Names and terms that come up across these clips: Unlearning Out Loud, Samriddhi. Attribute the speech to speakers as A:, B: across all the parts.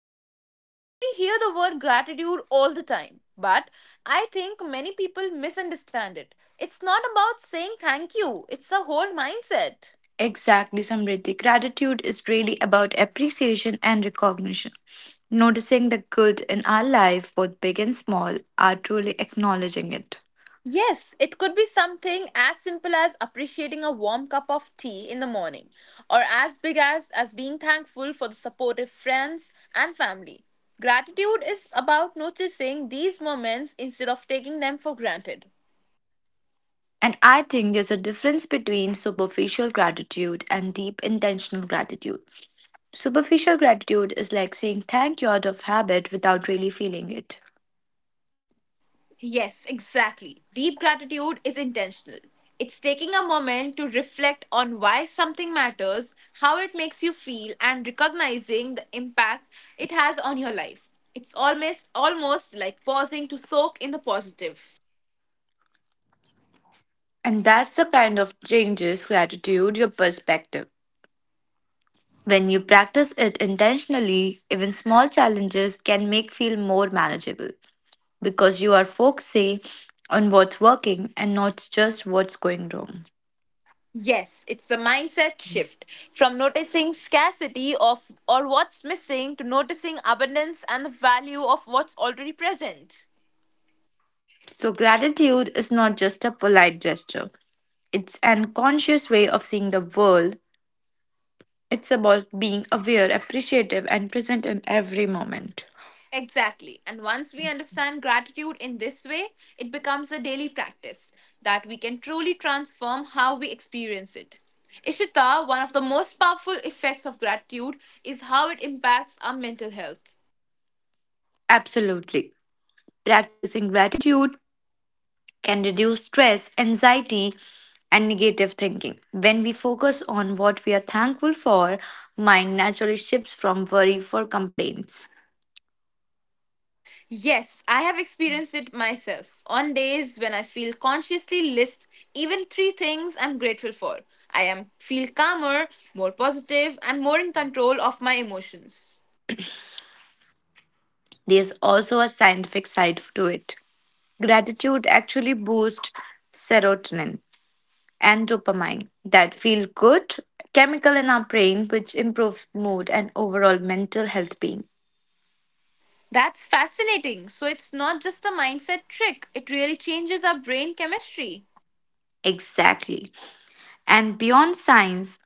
A: gratitude. Ishita, we hear the word gratitude all the time, but I think many people misunderstand it. It's not about saying thank you, it's a whole mindset.
B: Exactly, Samriddhi. Gratitude is really about appreciation and recognition. Noticing the good in our life, both big and small, are truly acknowledging it.
A: Yes, it could be something as simple as appreciating a warm cup of tea in the morning, or as big as being thankful for the supportive friends and family. Gratitude is about noticing these moments instead of taking them for granted.
B: And I think there's a difference between superficial gratitude and deep intentional gratitude. Superficial gratitude is like saying thank you out of habit without really feeling it.
A: Yes, exactly. Deep gratitude is intentional. It's taking a moment to reflect on why something matters, how it makes you feel, and recognizing the impact it has on your life. It's almost like pausing to soak in the positive.
B: And that's the kind of changes gratitude your perspective. When you practice it intentionally, even small challenges can make feel more manageable because you are focusing on what's working and not just what's going wrong.
A: Yes, it's a mindset shift from noticing scarcity of or what's missing to noticing abundance and the value of what's already present.
B: So gratitude is not just a polite gesture. It's an conscious way of seeing the world. It's about being aware, appreciative, and present in every moment.
A: Exactly. And once we understand gratitude in this way, it becomes a daily practice that we can truly transform how we experience it. Ishita, one of the most powerful effects of gratitude is how it impacts our mental health.
B: Absolutely. Practicing gratitude can reduce stress, anxiety, and negative thinking. When we focus on what we are thankful for, mind naturally shifts from worry for complaints.
A: Yes, I have experienced it myself. On days when I feel consciously list even three things I'm grateful for, I am feel calmer, more positive, and more in control of my emotions.
B: There's also a scientific side to it. Gratitude actually boosts serotonin and dopamine, that feel good chemical in our brain, which improves mood and overall mental health being.
A: That's fascinating. So it's not just a mindset trick, it really changes our brain chemistry.
B: Exactly. And beyond science,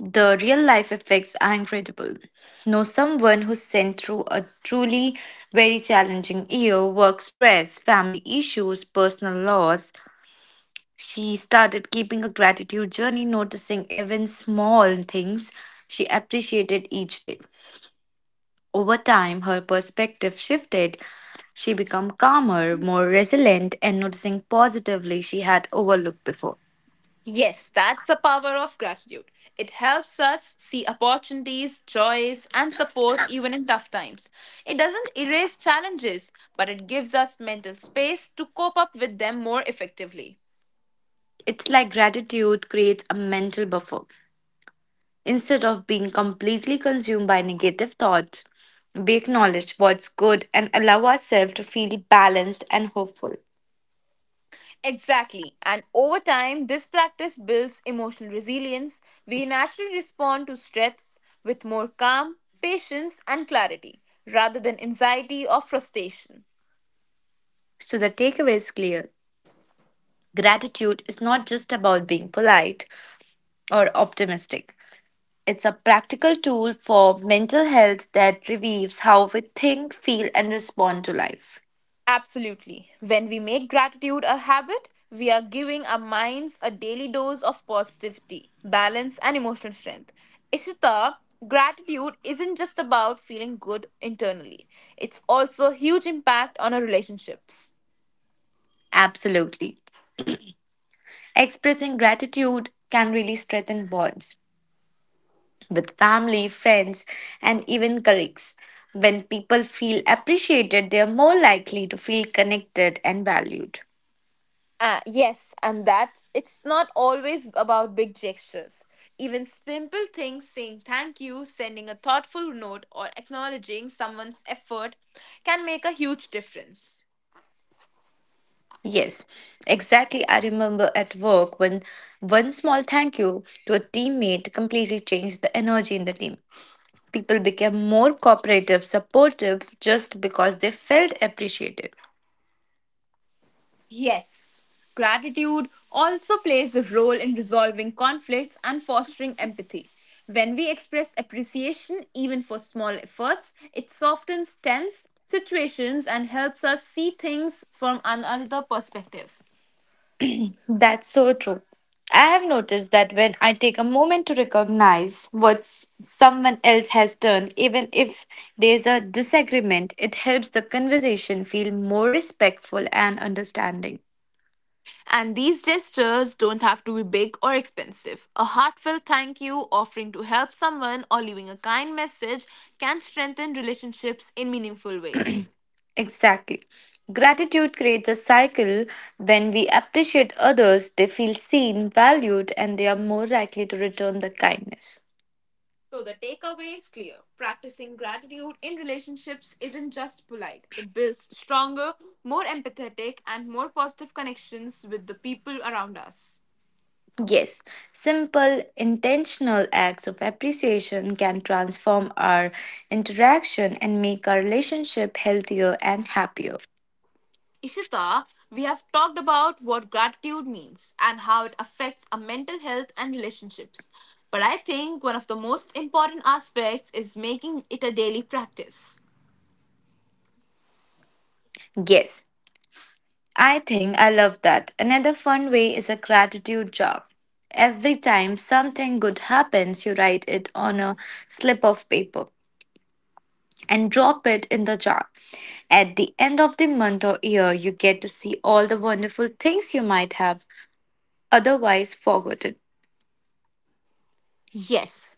B: the real life effects are incredible. Know someone who's sent through a truly very challenging year work stress, family issues, personal loss. She started keeping a gratitude journey, noticing even small things she appreciated each day. Over time, her perspective shifted. She became calmer, more resilient, and noticing positively she had overlooked before.
A: Yes, that's the power of gratitude. It helps us see opportunities, joys, and support even in tough times. It doesn't erase challenges, but it gives us mental space to cope up with them more effectively.
B: It's like gratitude creates a mental buffer. Instead of being completely consumed by negative thoughts, we acknowledge what's good and allow ourselves to feel balanced and hopeful.
A: Exactly. And over time, this practice builds emotional resilience. We naturally respond to stress with more calm, patience, and clarity rather than anxiety or frustration.
B: So the takeaway is clear. Gratitude is not just about being polite or optimistic. It's a practical tool for mental health that reveals how we think, feel, and respond to life.
A: Absolutely. When we make gratitude a habit, we are giving our minds a daily dose of positivity, balance, and emotional strength. Ishita, gratitude isn't just about feeling good internally, it's also a huge impact on our relationships.
B: Absolutely. Expressing gratitude can really strengthen bonds with family, friends, and even colleagues. When people feel appreciated, they are more likely to feel connected and valued.
A: Yes, and that's it's not always about big gestures. Even simple things, saying thank you, sending a thoughtful note, or acknowledging someone's effort can make a huge difference.
B: Yes, exactly. I remember at work when one small thank you to a teammate completely changed the energy in the team. People became more cooperative, supportive just because they felt appreciated.
A: Yes, gratitude also plays a role in resolving conflicts and fostering empathy. When we express appreciation, even for small efforts, it softens tense situations and helps us see things from another perspective.
B: That's so true. I have noticed that when I take a moment to recognize what someone else has done, even if there's a disagreement, it helps the conversation feel more respectful and understanding.
A: And these gestures don't have to be big or expensive. A heartfelt thank you, offering to help someone, or leaving a kind message can strengthen relationships in meaningful ways.
B: Exactly. Gratitude creates a cycle. When we appreciate others, they feel seen, valued, and they are more likely to return the kindness.
A: So, the takeaway is clear practicing gratitude in relationships isn't just polite, it builds stronger, more empathetic, and more positive connections with the people around us.
B: Yes, simple, intentional acts of appreciation can transform our interaction and make our relationship healthier and happier.
A: Ishita, we have talked about what gratitude means and how it affects our mental health and relationships. But I think one of the most important aspects is making it a daily practice.
B: Yes, I think I love that. Another fun way is a gratitude jar. Every time something good happens, you write it on a slip of paper and drop it in the jar. At the end of the month or year, you get to see all the wonderful things you might have otherwise forgotten.
A: Yes,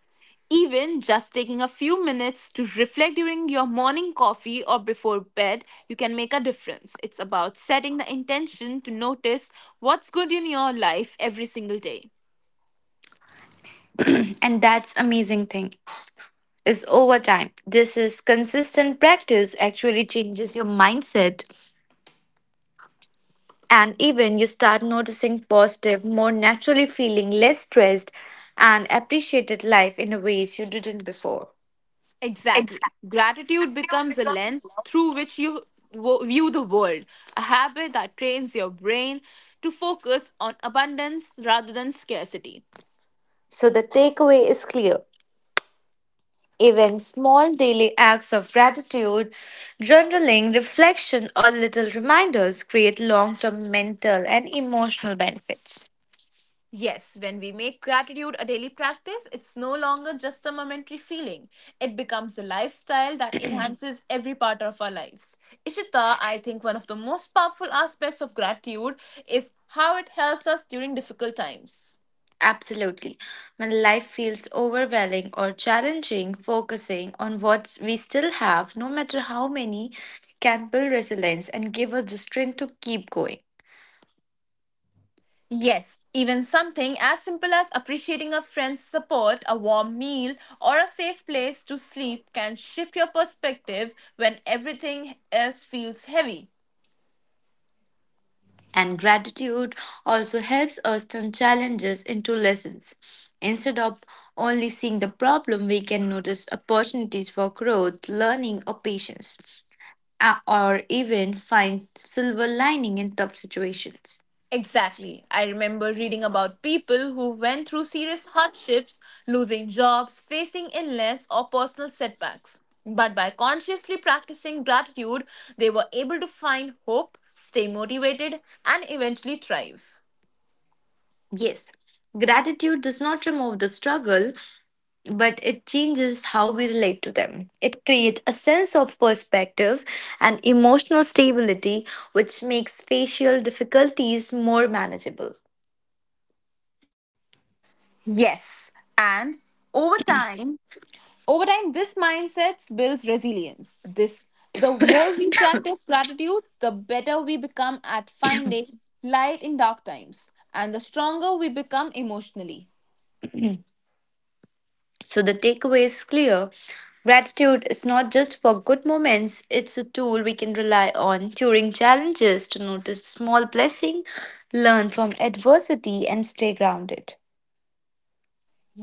A: even just taking a few minutes to reflect during your morning coffee or before bed, you can make a difference. It's about setting the intention to notice what's good in your life every single day.
B: And that's amazing thing. Is over time. This is consistent practice actually changes your mindset and even you start noticing positive, more naturally feeling less stressed and appreciated life in a ways you didn't before.
A: Exactly. Gratitude becomes a lens through which you view the world, a habit that trains your brain to focus on abundance rather than scarcity.
B: So the takeaway is clear. Even small daily acts of gratitude, journaling, reflection, or little reminders create long term mental and emotional benefits.
A: Yes, when we make gratitude a daily practice, it's no longer just a momentary feeling. It becomes a lifestyle that enhances every part of our lives. Ishita, I think one of the most powerful aspects of gratitude is how it helps us during difficult times.
B: Absolutely. When life feels overwhelming or challenging, focusing on what we still have, no matter how many, can build resilience and give us the strength to keep going.
A: Yes, even something as simple as appreciating a friend's support, a warm meal, or a safe place to sleep can shift your perspective when everything else feels heavy.
B: And gratitude also helps us turn challenges into lessons. Instead of only seeing the problem, we can notice opportunities for growth, learning, or patience, or even find silver lining in tough situations.
A: Exactly. I remember reading about people who went through serious hardships, losing jobs, facing illness, or personal setbacks. But by consciously practicing gratitude, they were able to find hope, stay motivated, and eventually thrive.
B: Yes, gratitude does not remove the struggle, but it changes how we relate to them. It creates a sense of perspective and emotional stability, which makes facial difficulties more manageable.
A: Yes, and over time, Over time, this mindset builds resilience. This the more we practice gratitude, the better we become at finding light in dark times, and the stronger we become emotionally.
B: So, the takeaway is clear gratitude is not just for good moments, it's a tool we can rely on during challenges to notice small blessing, learn from adversity, and stay grounded.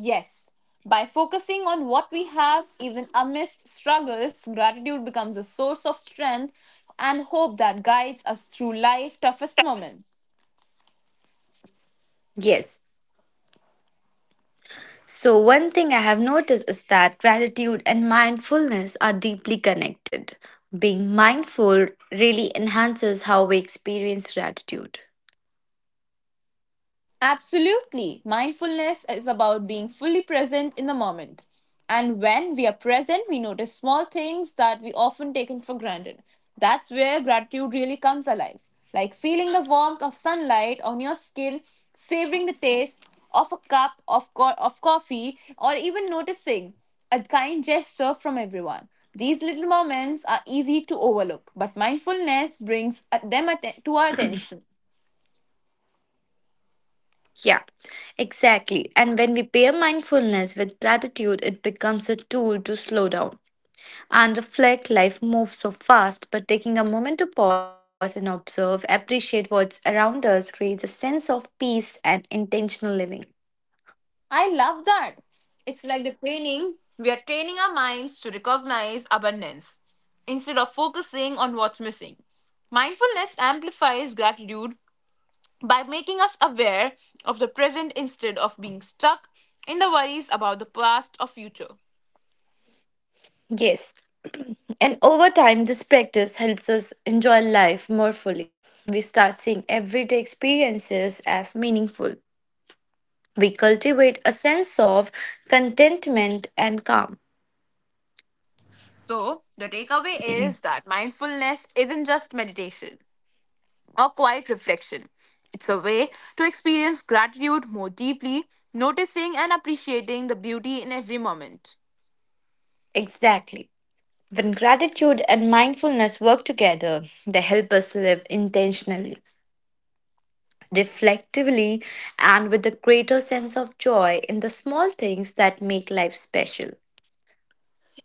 A: Yes, by focusing on what we have, even amidst struggles, gratitude becomes a source of strength and hope that guides us through life's toughest moments.
B: Yes, so, one thing I have noticed is that gratitude and mindfulness are deeply connected. Being mindful really enhances how we experience gratitude.
A: Absolutely. Mindfulness is about being fully present in the moment. And when we are present, we notice small things that we often taken for granted. That's where gratitude really comes alive. Like feeling the warmth of sunlight on your skin, savoring the taste of a cup of coffee, or even noticing a kind gesture from everyone. These little moments are easy to overlook, but mindfulness brings them to our attention.
B: Yeah, exactly. And when we pair mindfulness with gratitude, it becomes a tool to slow down and reflect. Life moves so fast, but taking a moment to pause and observe, appreciate what's around us, creates a sense of peace and intentional living.
A: I love that. It's like the training. We are training our minds to recognize abundance instead of focusing on what's missing. Mindfulness amplifies gratitude by making us aware of the present instead of being stuck in the worries about the past or future.
B: Yes, and over time, this practice helps us enjoy life more fully. We start seeing everyday experiences as meaningful. We cultivate a sense of contentment and calm.
A: So, the takeaway is that mindfulness isn't just meditation or quiet reflection. It's a way to experience gratitude more deeply, noticing and appreciating the beauty in every moment.
B: Exactly. When gratitude and mindfulness work together, they help us live intentionally, reflectively, and with a greater sense of joy in the small things that make life special.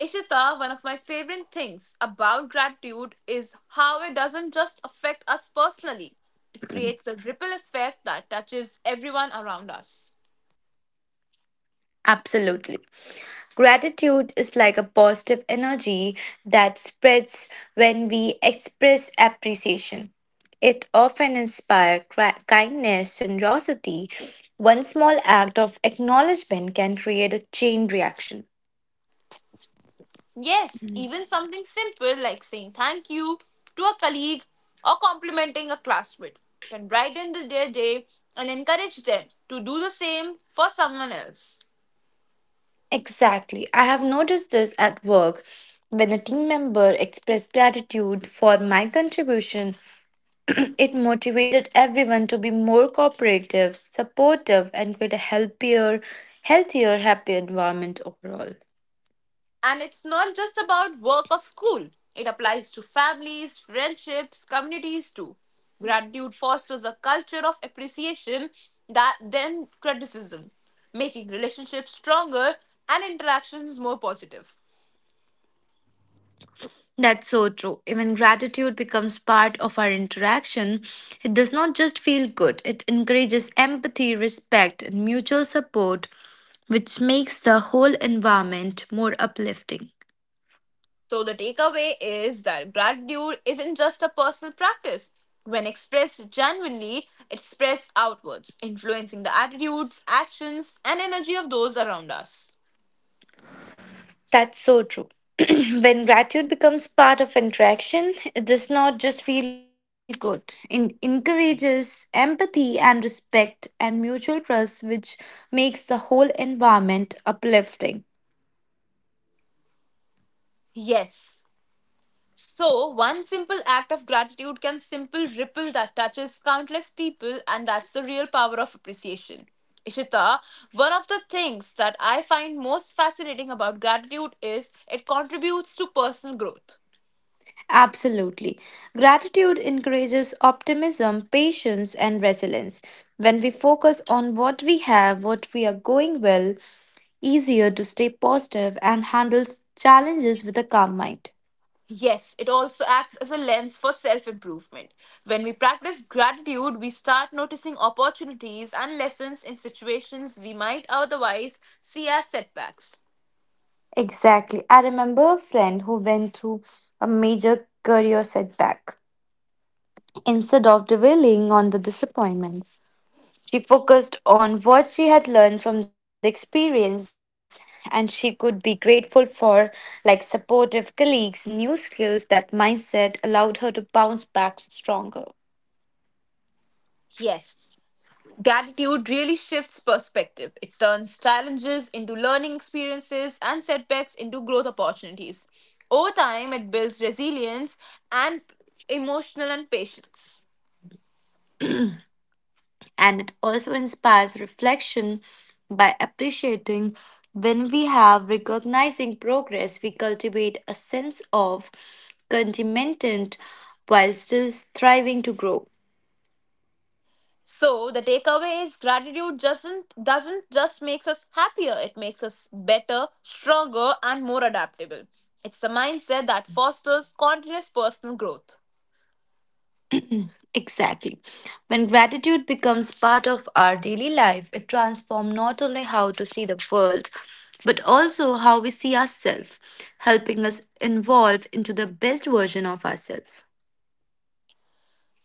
A: Ishita, one of my favorite things about gratitude is how it doesn't just affect us personally, it creates a ripple effect that touches everyone around us.
B: Absolutely. Gratitude is like a positive energy that spreads when we express appreciation. It often inspires kindness, generosity. One small act of acknowledgement can create a chain reaction.
A: Yes, even something simple like saying thank you to a colleague or complimenting a classmate can brighten their day and encourage them to do the same for someone else.
B: Exactly. I have noticed this at work. When a team member expressed gratitude for my contribution, it motivated everyone to be more cooperative, supportive, and create a healthier, happier environment overall.
A: And it's not just about work or school, it applies to families, friendships, communities too. Gratitude fosters a culture of appreciation that then criticism, making relationships stronger and interactions more positive.
B: That's so true. Even gratitude becomes part of our interaction. It does not just feel good, it encourages empathy, respect, and mutual support, which makes the whole environment more uplifting.
A: So, the takeaway is that gratitude isn't just a personal practice. When expressed genuinely, it spreads outwards, influencing the attitudes, actions, and energy of those around us.
B: That's so true. When gratitude becomes part of interaction, it does not just feel good. It encourages empathy and respect and mutual trust, which makes the whole environment uplifting.
A: Yes, so, one simple act of gratitude can simple ripple that touches countless people, and that's the real power of appreciation. Ishita, one of the things that I find most fascinating about gratitude is it contributes to personal growth.
B: Absolutely. Gratitude encourages optimism, patience, and resilience. When we focus on what we have, what we are going well, easier to stay positive and handle challenges with a calm mind.
A: Yes, it also acts as a lens for self improvement. When we practice gratitude, we start noticing opportunities and lessons in situations we might otherwise see as setbacks.
B: Exactly. I remember a friend who went through a major career setback. Instead of dwelling on the disappointment, she focused on what she had learned from the experience and she could be grateful for, like supportive colleagues, new skills. That mindset allowed her to bounce back stronger.
A: Yes. Gratitude really shifts perspective. It turns challenges into learning experiences and setbacks into growth opportunities. Over time, it builds resilience and emotional and patience.
B: And it also inspires reflection by appreciating when we have recognizing progress we cultivate a sense of contentment while still striving to grow.
A: So the takeaway is gratitude doesn't just makes us happier, it makes us better, stronger and more adaptable. It's the mindset that fosters continuous personal growth.
B: Exactly, when gratitude becomes part of our daily life it transforms not only how to see the world but also how we see ourselves, helping us evolve into the best version of ourselves.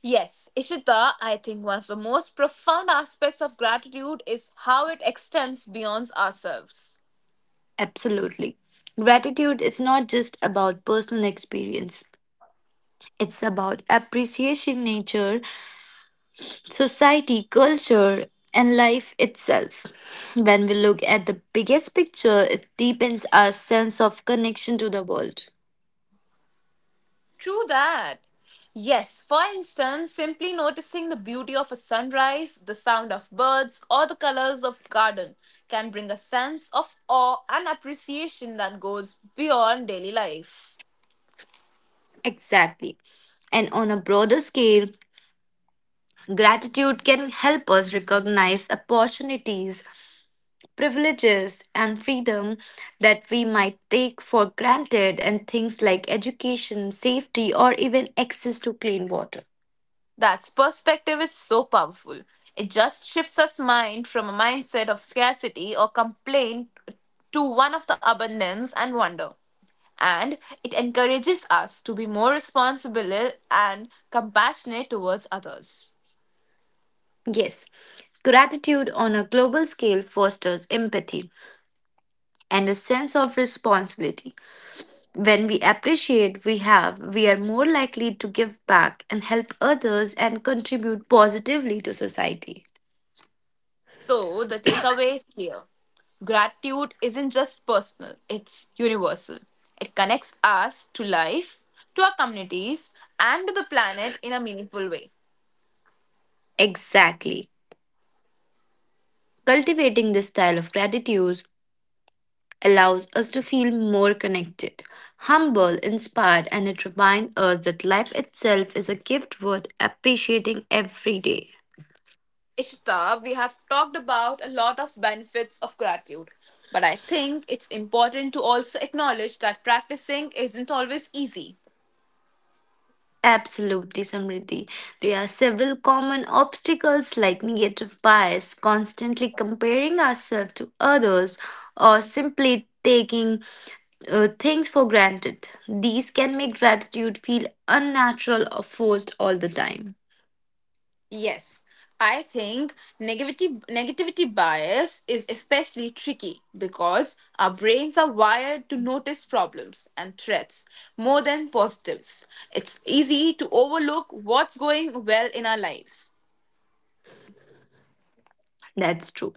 A: Yes, Ishita, I think one of the most profound aspects of gratitude is how it extends beyond ourselves.
B: Absolutely. Gratitude is not just about personal experience, it's about appreciation, nature, society, culture, and life itself. When we look at the biggest picture, it deepens our sense of connection to the world.
A: True that. Yes, for instance, simply noticing the beauty of a sunrise, the sound of birds, or the colors of garden can bring a sense of awe and appreciation that goes beyond daily life.
B: Exactly. And on a broader scale, gratitude can help us recognize opportunities privileges and freedom that we might take for granted, and things like education, safety, or even access to clean water.
A: That's perspective is so powerful. It just shifts us mind from a mindset of scarcity or complaint to one of the abundance and wonder. And it encourages us to be more responsible and compassionate towards others.
B: Yes, gratitude on a global scale fosters empathy and a sense of responsibility. When we appreciate we have, we are more likely to give back and help others and contribute positively to society.
A: So, the takeaway is clear gratitude isn't just personal, it's universal. It connects us to life, to our communities, and to the planet in a meaningful way.
B: Exactly. Cultivating this style of gratitude allows us to feel more connected, humble, inspired, and it reminds us that life itself is a gift worth appreciating every day.
A: Ishita, we have talked about a lot of benefits of gratitude, but I think it's important to also acknowledge that practicing isn't always easy.
B: Absolutely, Samriddhi. There are several common obstacles like negative bias, constantly comparing ourselves to others, or simply taking things for granted. These can make gratitude feel unnatural or forced all the time.
A: Yes, I think negativity negativity bias is especially tricky because our brains are wired to notice problems and threats more than positives. It's easy to overlook what's going well in our lives.
B: That's true.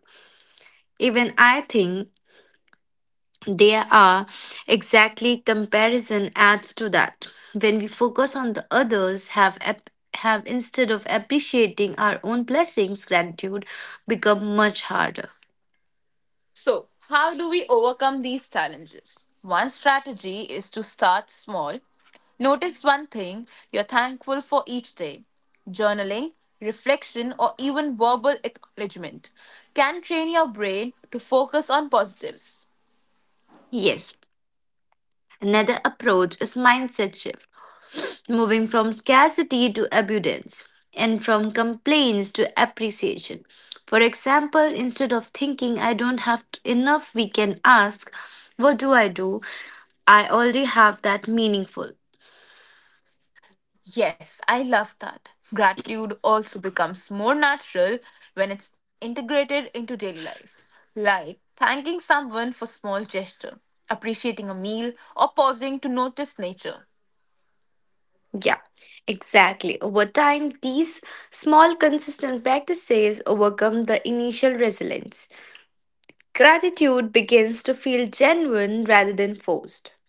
B: Even I think there are, exactly, comparison adds to that. When we focus on the others, have instead of appreciating our own blessings, gratitude become much harder.
A: So, how do we overcome these challenges? One strategy is to start small. Notice one thing you're thankful for each day. Journaling, reflection, or even verbal acknowledgement can train your brain to focus on positives.
B: Yes, another approach is mindset shift, moving from scarcity to abundance and from complaints to appreciation. For example, instead of thinking I don't have enough, we can ask, what do? I already have that meaningful.
A: Yes, I love that. Gratitude also becomes more natural when it's integrated into daily life, like thanking someone for small gesture, appreciating a meal, or pausing to notice nature.
B: Yeah, exactly. Over time, these small, consistent practices overcome the initial resilience. Gratitude begins to feel genuine rather than forced.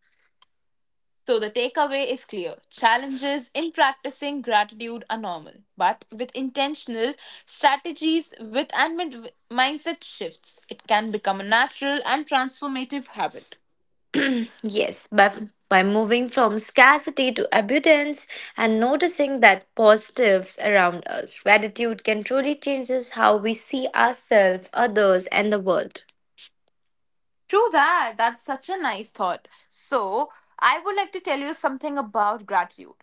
A: So the takeaway is clear. Challenges in practicing gratitude are normal, but with intentional strategies with and with mindset shifts, it can become a natural and transformative habit.
B: Mm, yes, by moving from scarcity to abundance and noticing that positives around us, gratitude can truly change how we see ourselves, others, and the world.
A: True that. That's such a nice thought. So, I would like to tell you something about gratitude.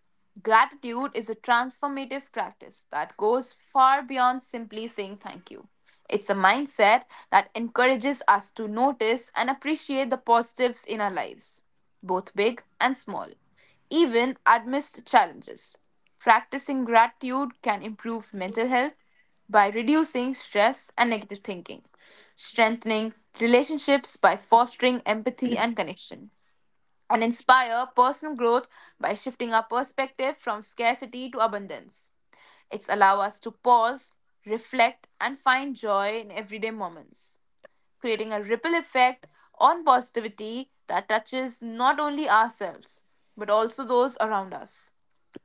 A: Gratitude is a transformative practice that goes far beyond simply saying thank you. It's a mindset that encourages us to notice and appreciate the positives in our lives, both big and small even amidst challenges. Practicing gratitude can improve mental health by reducing stress and negative thinking, strengthening relationships by fostering empathy and connection, and inspire personal growth by shifting our perspective from scarcity to abundance. It's allow us to pause, reflect, and find joy in everyday moments creating a ripple effect on positivity that touches not only ourselves, but also those around us.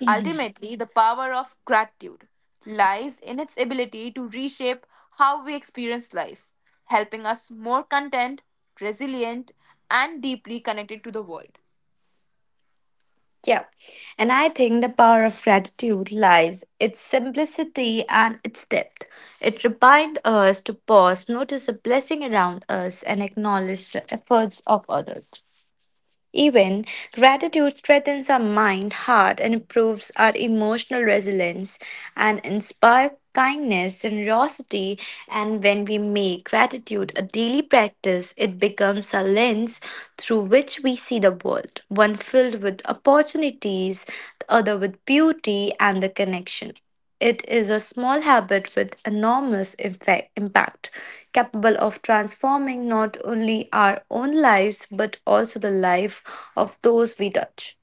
A: Ultimately, the power of gratitude lies in its ability to reshape how we experience life, helping us more content, resilient, and deeply connected to the world.
B: Yeah. And I think the power of gratitude lies its simplicity and its depth. It reminds us to pause, notice the blessing around us, and acknowledge the efforts of others. Even gratitude strengthens our mind, heart, and improves our emotional resilience and inspire kindness, generosity, and when we make gratitude a daily practice, it becomes a lens through which we see the world, one filled with opportunities, the other with beauty and the connection. It is a small habit with enormous effect, impact, capable of transforming not only our own lives but also the life of those we touch.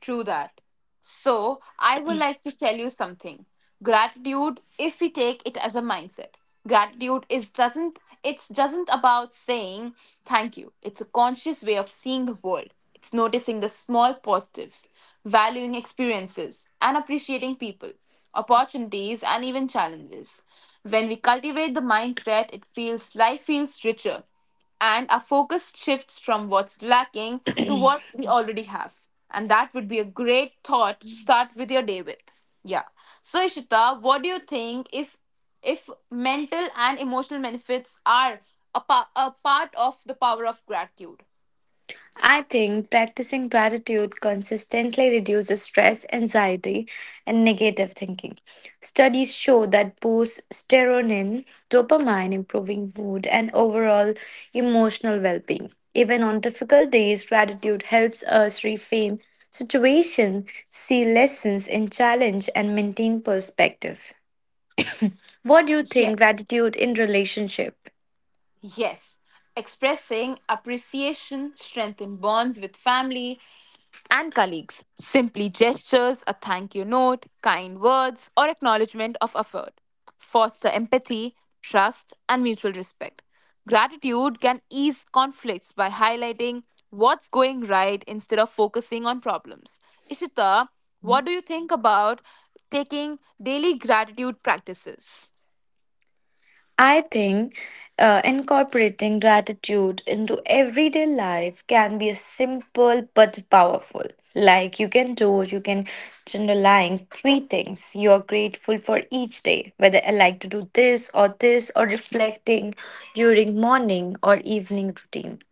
A: True that. So, I would like to tell you something. Gratitude, if we take it as a mindset, gratitude is doesn't it's doesn't about saying thank you. It's a conscious way of seeing the world. It's noticing the small positives, valuing experiences, and appreciating people, opportunities, and even challenges. When we cultivate the mindset, it feels life feels richer and our focus shifts from what's lacking to what we already have. And that would be a great thought to start with your day with. Yeah. So Ishita, what do you think if mental and emotional benefits are a part of the power of gratitude?
B: I think practicing gratitude consistently reduces stress, anxiety, and negative thinking. Studies show that boosts serotonin, dopamine, improving mood, and overall emotional well being. Even on difficult days, gratitude helps us reframe situations, see lessons in challenge, and maintain perspective. What do you think
A: Yes.
B: gratitude in relationship?
A: Yes. Expressing appreciation strengthen bonds with family and colleagues. Simply gestures, a thank you note, kind words, or acknowledgement of effort foster empathy, trust, and mutual respect. Gratitude can ease conflicts by highlighting what's going right instead of focusing on problems. Ishita, what do you think about taking daily gratitude practices?
B: I think incorporating gratitude into everyday life can be a simple but powerful. Like you can generalize three things you are grateful for each day, whether I like to do this or this, or reflecting during morning or evening routine,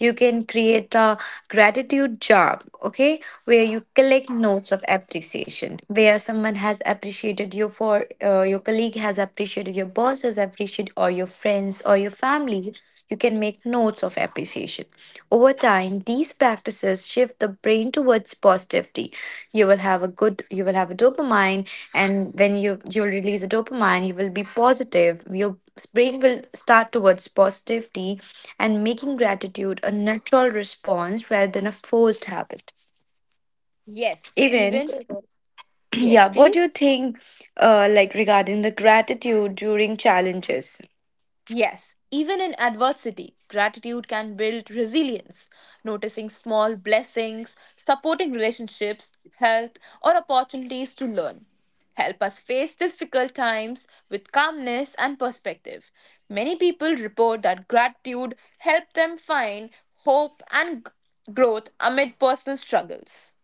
B: you can create a gratitude jar, okay, where you collect notes of appreciation where someone has appreciated you for your colleague has appreciated your boss has appreciated or your friends or your family. You can make notes of appreciation over time. These practices shift the brain towards positivity. You will have a dopamine, and when you'll release a dopamine you will be positive. Your brain will start towards positivity and making gratitude a natural response rather than a forced habit.
A: Yes,
B: Even
A: even. Yes,
B: yeah, what do you
A: please.
B: think, like regarding the gratitude during challenges?
A: Yes, even in adversity, gratitude can build resilience. Noticing small blessings, supporting relationships, health, or opportunities to learn help us face difficult times with calmness and perspective. Many people report that gratitude helped them find hope and growth amid personal struggles.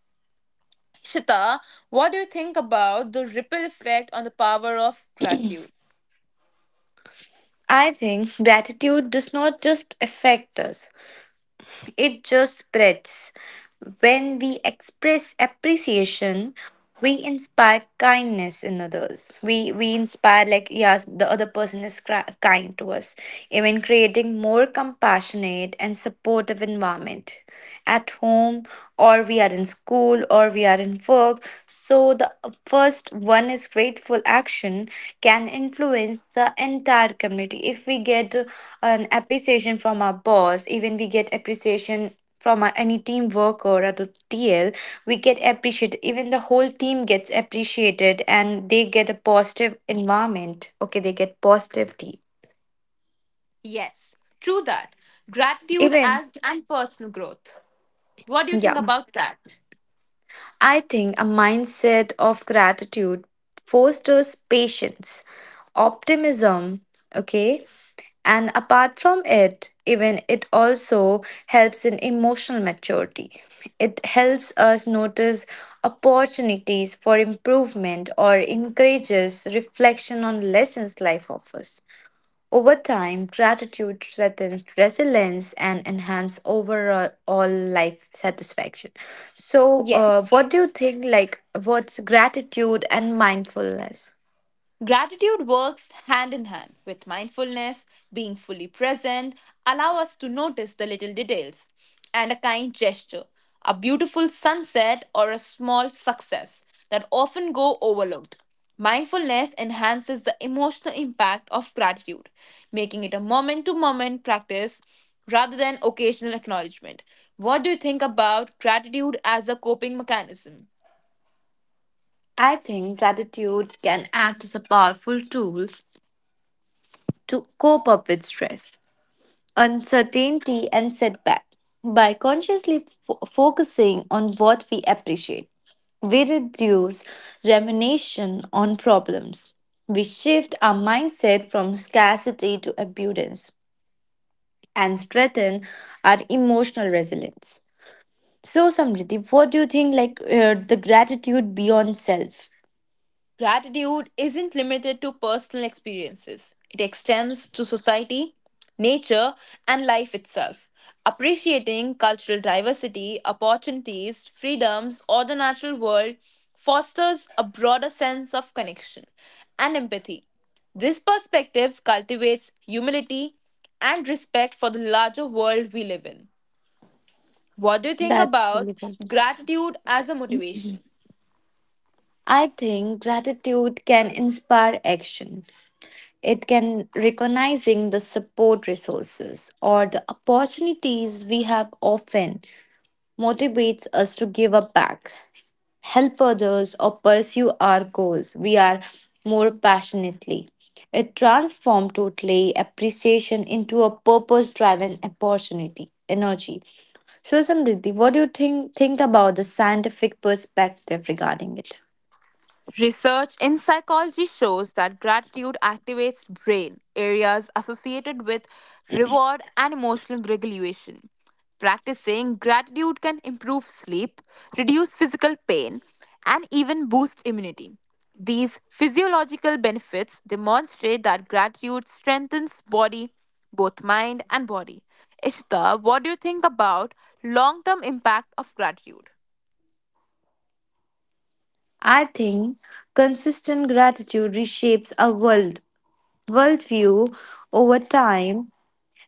A: Shita, what do you think about the ripple effect on the power of gratitude?
B: I think gratitude does not just affect us, it just spreads. When we express appreciation, we inspire kindness in others. We inspire like yes, the other person is kind to us, even creating more compassionate and supportive environment at home or we are in school or we are in work. So the first one is grateful action can influence the entire community. If we get an appreciation from our boss, even we get appreciation from any teamwork or at the TL, we get appreciated. Even the whole team gets appreciated, and they get a positive environment. Okay, they get positivity.
A: Yes, true that. Gratitude
B: Even
A: as and personal growth. What do you think
B: yeah,
A: about that?
B: I think a mindset of gratitude fosters patience, optimism. Okay, and apart from it, even it also helps in emotional maturity. It helps us notice opportunities for improvement or encourages reflection on lessons life offers. Over time, gratitude strengthens resilience and enhance overall all life satisfaction. So,
A: Yes.
B: what do you think? Like, what's gratitude and mindfulness?
A: Gratitude works hand in hand with mindfulness, being fully present, allow us to notice the little details and a kind gesture, a beautiful sunset or a small success that often go overlooked. Mindfulness enhances the emotional impact of gratitude, making it a moment to moment practice rather than occasional acknowledgement. What do you think about gratitude as a coping mechanism?
B: I think gratitude can act as a powerful tool to cope up with stress, uncertainty, and setback. By consciously focusing on what we appreciate, we reduce rumination on problems. We shift our mindset from scarcity to abundance and strengthen our emotional resilience. So, Samriti, what do you think? Like the gratitude beyond self?
A: Gratitude isn't limited to personal experiences, it extends to society, nature, and life itself. Appreciating cultural diversity, opportunities, freedoms, or the natural world fosters a broader sense of connection and empathy. This perspective cultivates humility and respect for the larger world we live in. What do you think
B: That's
A: about
B: really good.
A: gratitude as a motivation?
B: I think gratitude can inspire action. It can recognizing the support resources or the opportunities we have often motivates us to give up back, help others, or pursue our goals. We are more passionately. It transforms totally appreciation into a purpose-driven opportunity energy. So, Samriddhi, what do you think about the scientific perspective regarding it?
A: Research in psychology shows that gratitude activates brain areas associated with reward and emotional regulation. Practicing gratitude can improve sleep, reduce physical pain, and even boost immunity. These physiological benefits demonstrate that gratitude strengthens body, both mind and body. Ishita, what do you think about long-term impact of gratitude?
B: I think consistent gratitude reshapes our worldview over time,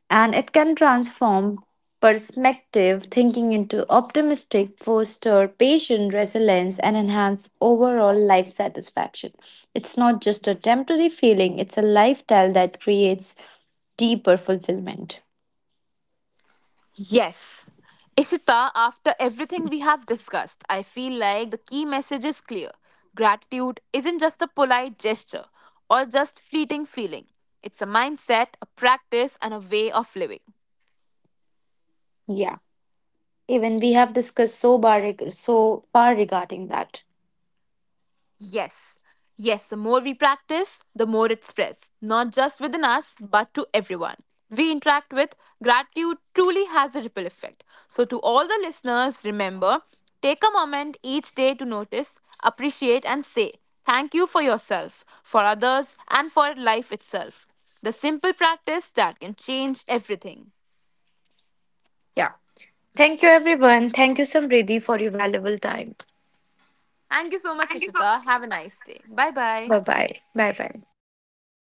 B: and it can transform perspective thinking into optimistic, foster patient resilience, and enhance overall life satisfaction. It's not just a temporary feeling, it's a lifestyle that creates deeper fulfillment.
A: Yes. Ishita, after everything we have discussed, I feel like the key message is clear. Gratitude isn't just a polite gesture or just fleeting feeling, it's a mindset, a practice, and a way of living.
B: Yeah. Even we have discussed so far regarding that.
A: Yes. Yes, the more we practice, the more it spreads, not just within us, but to everyone we interact with. Gratitude truly has a ripple effect. So, to all the listeners, remember take a moment each day to notice, appreciate, and say thank you for yourself, for others, and for life itself. The simple practice that can change everything.
B: Yeah. Thank you, everyone. Thank you, Samriddhi, for your valuable time.
A: Thank you so much, Ishita. Have a nice day. Bye
B: Bye
A: bye.
B: bye. Bye bye.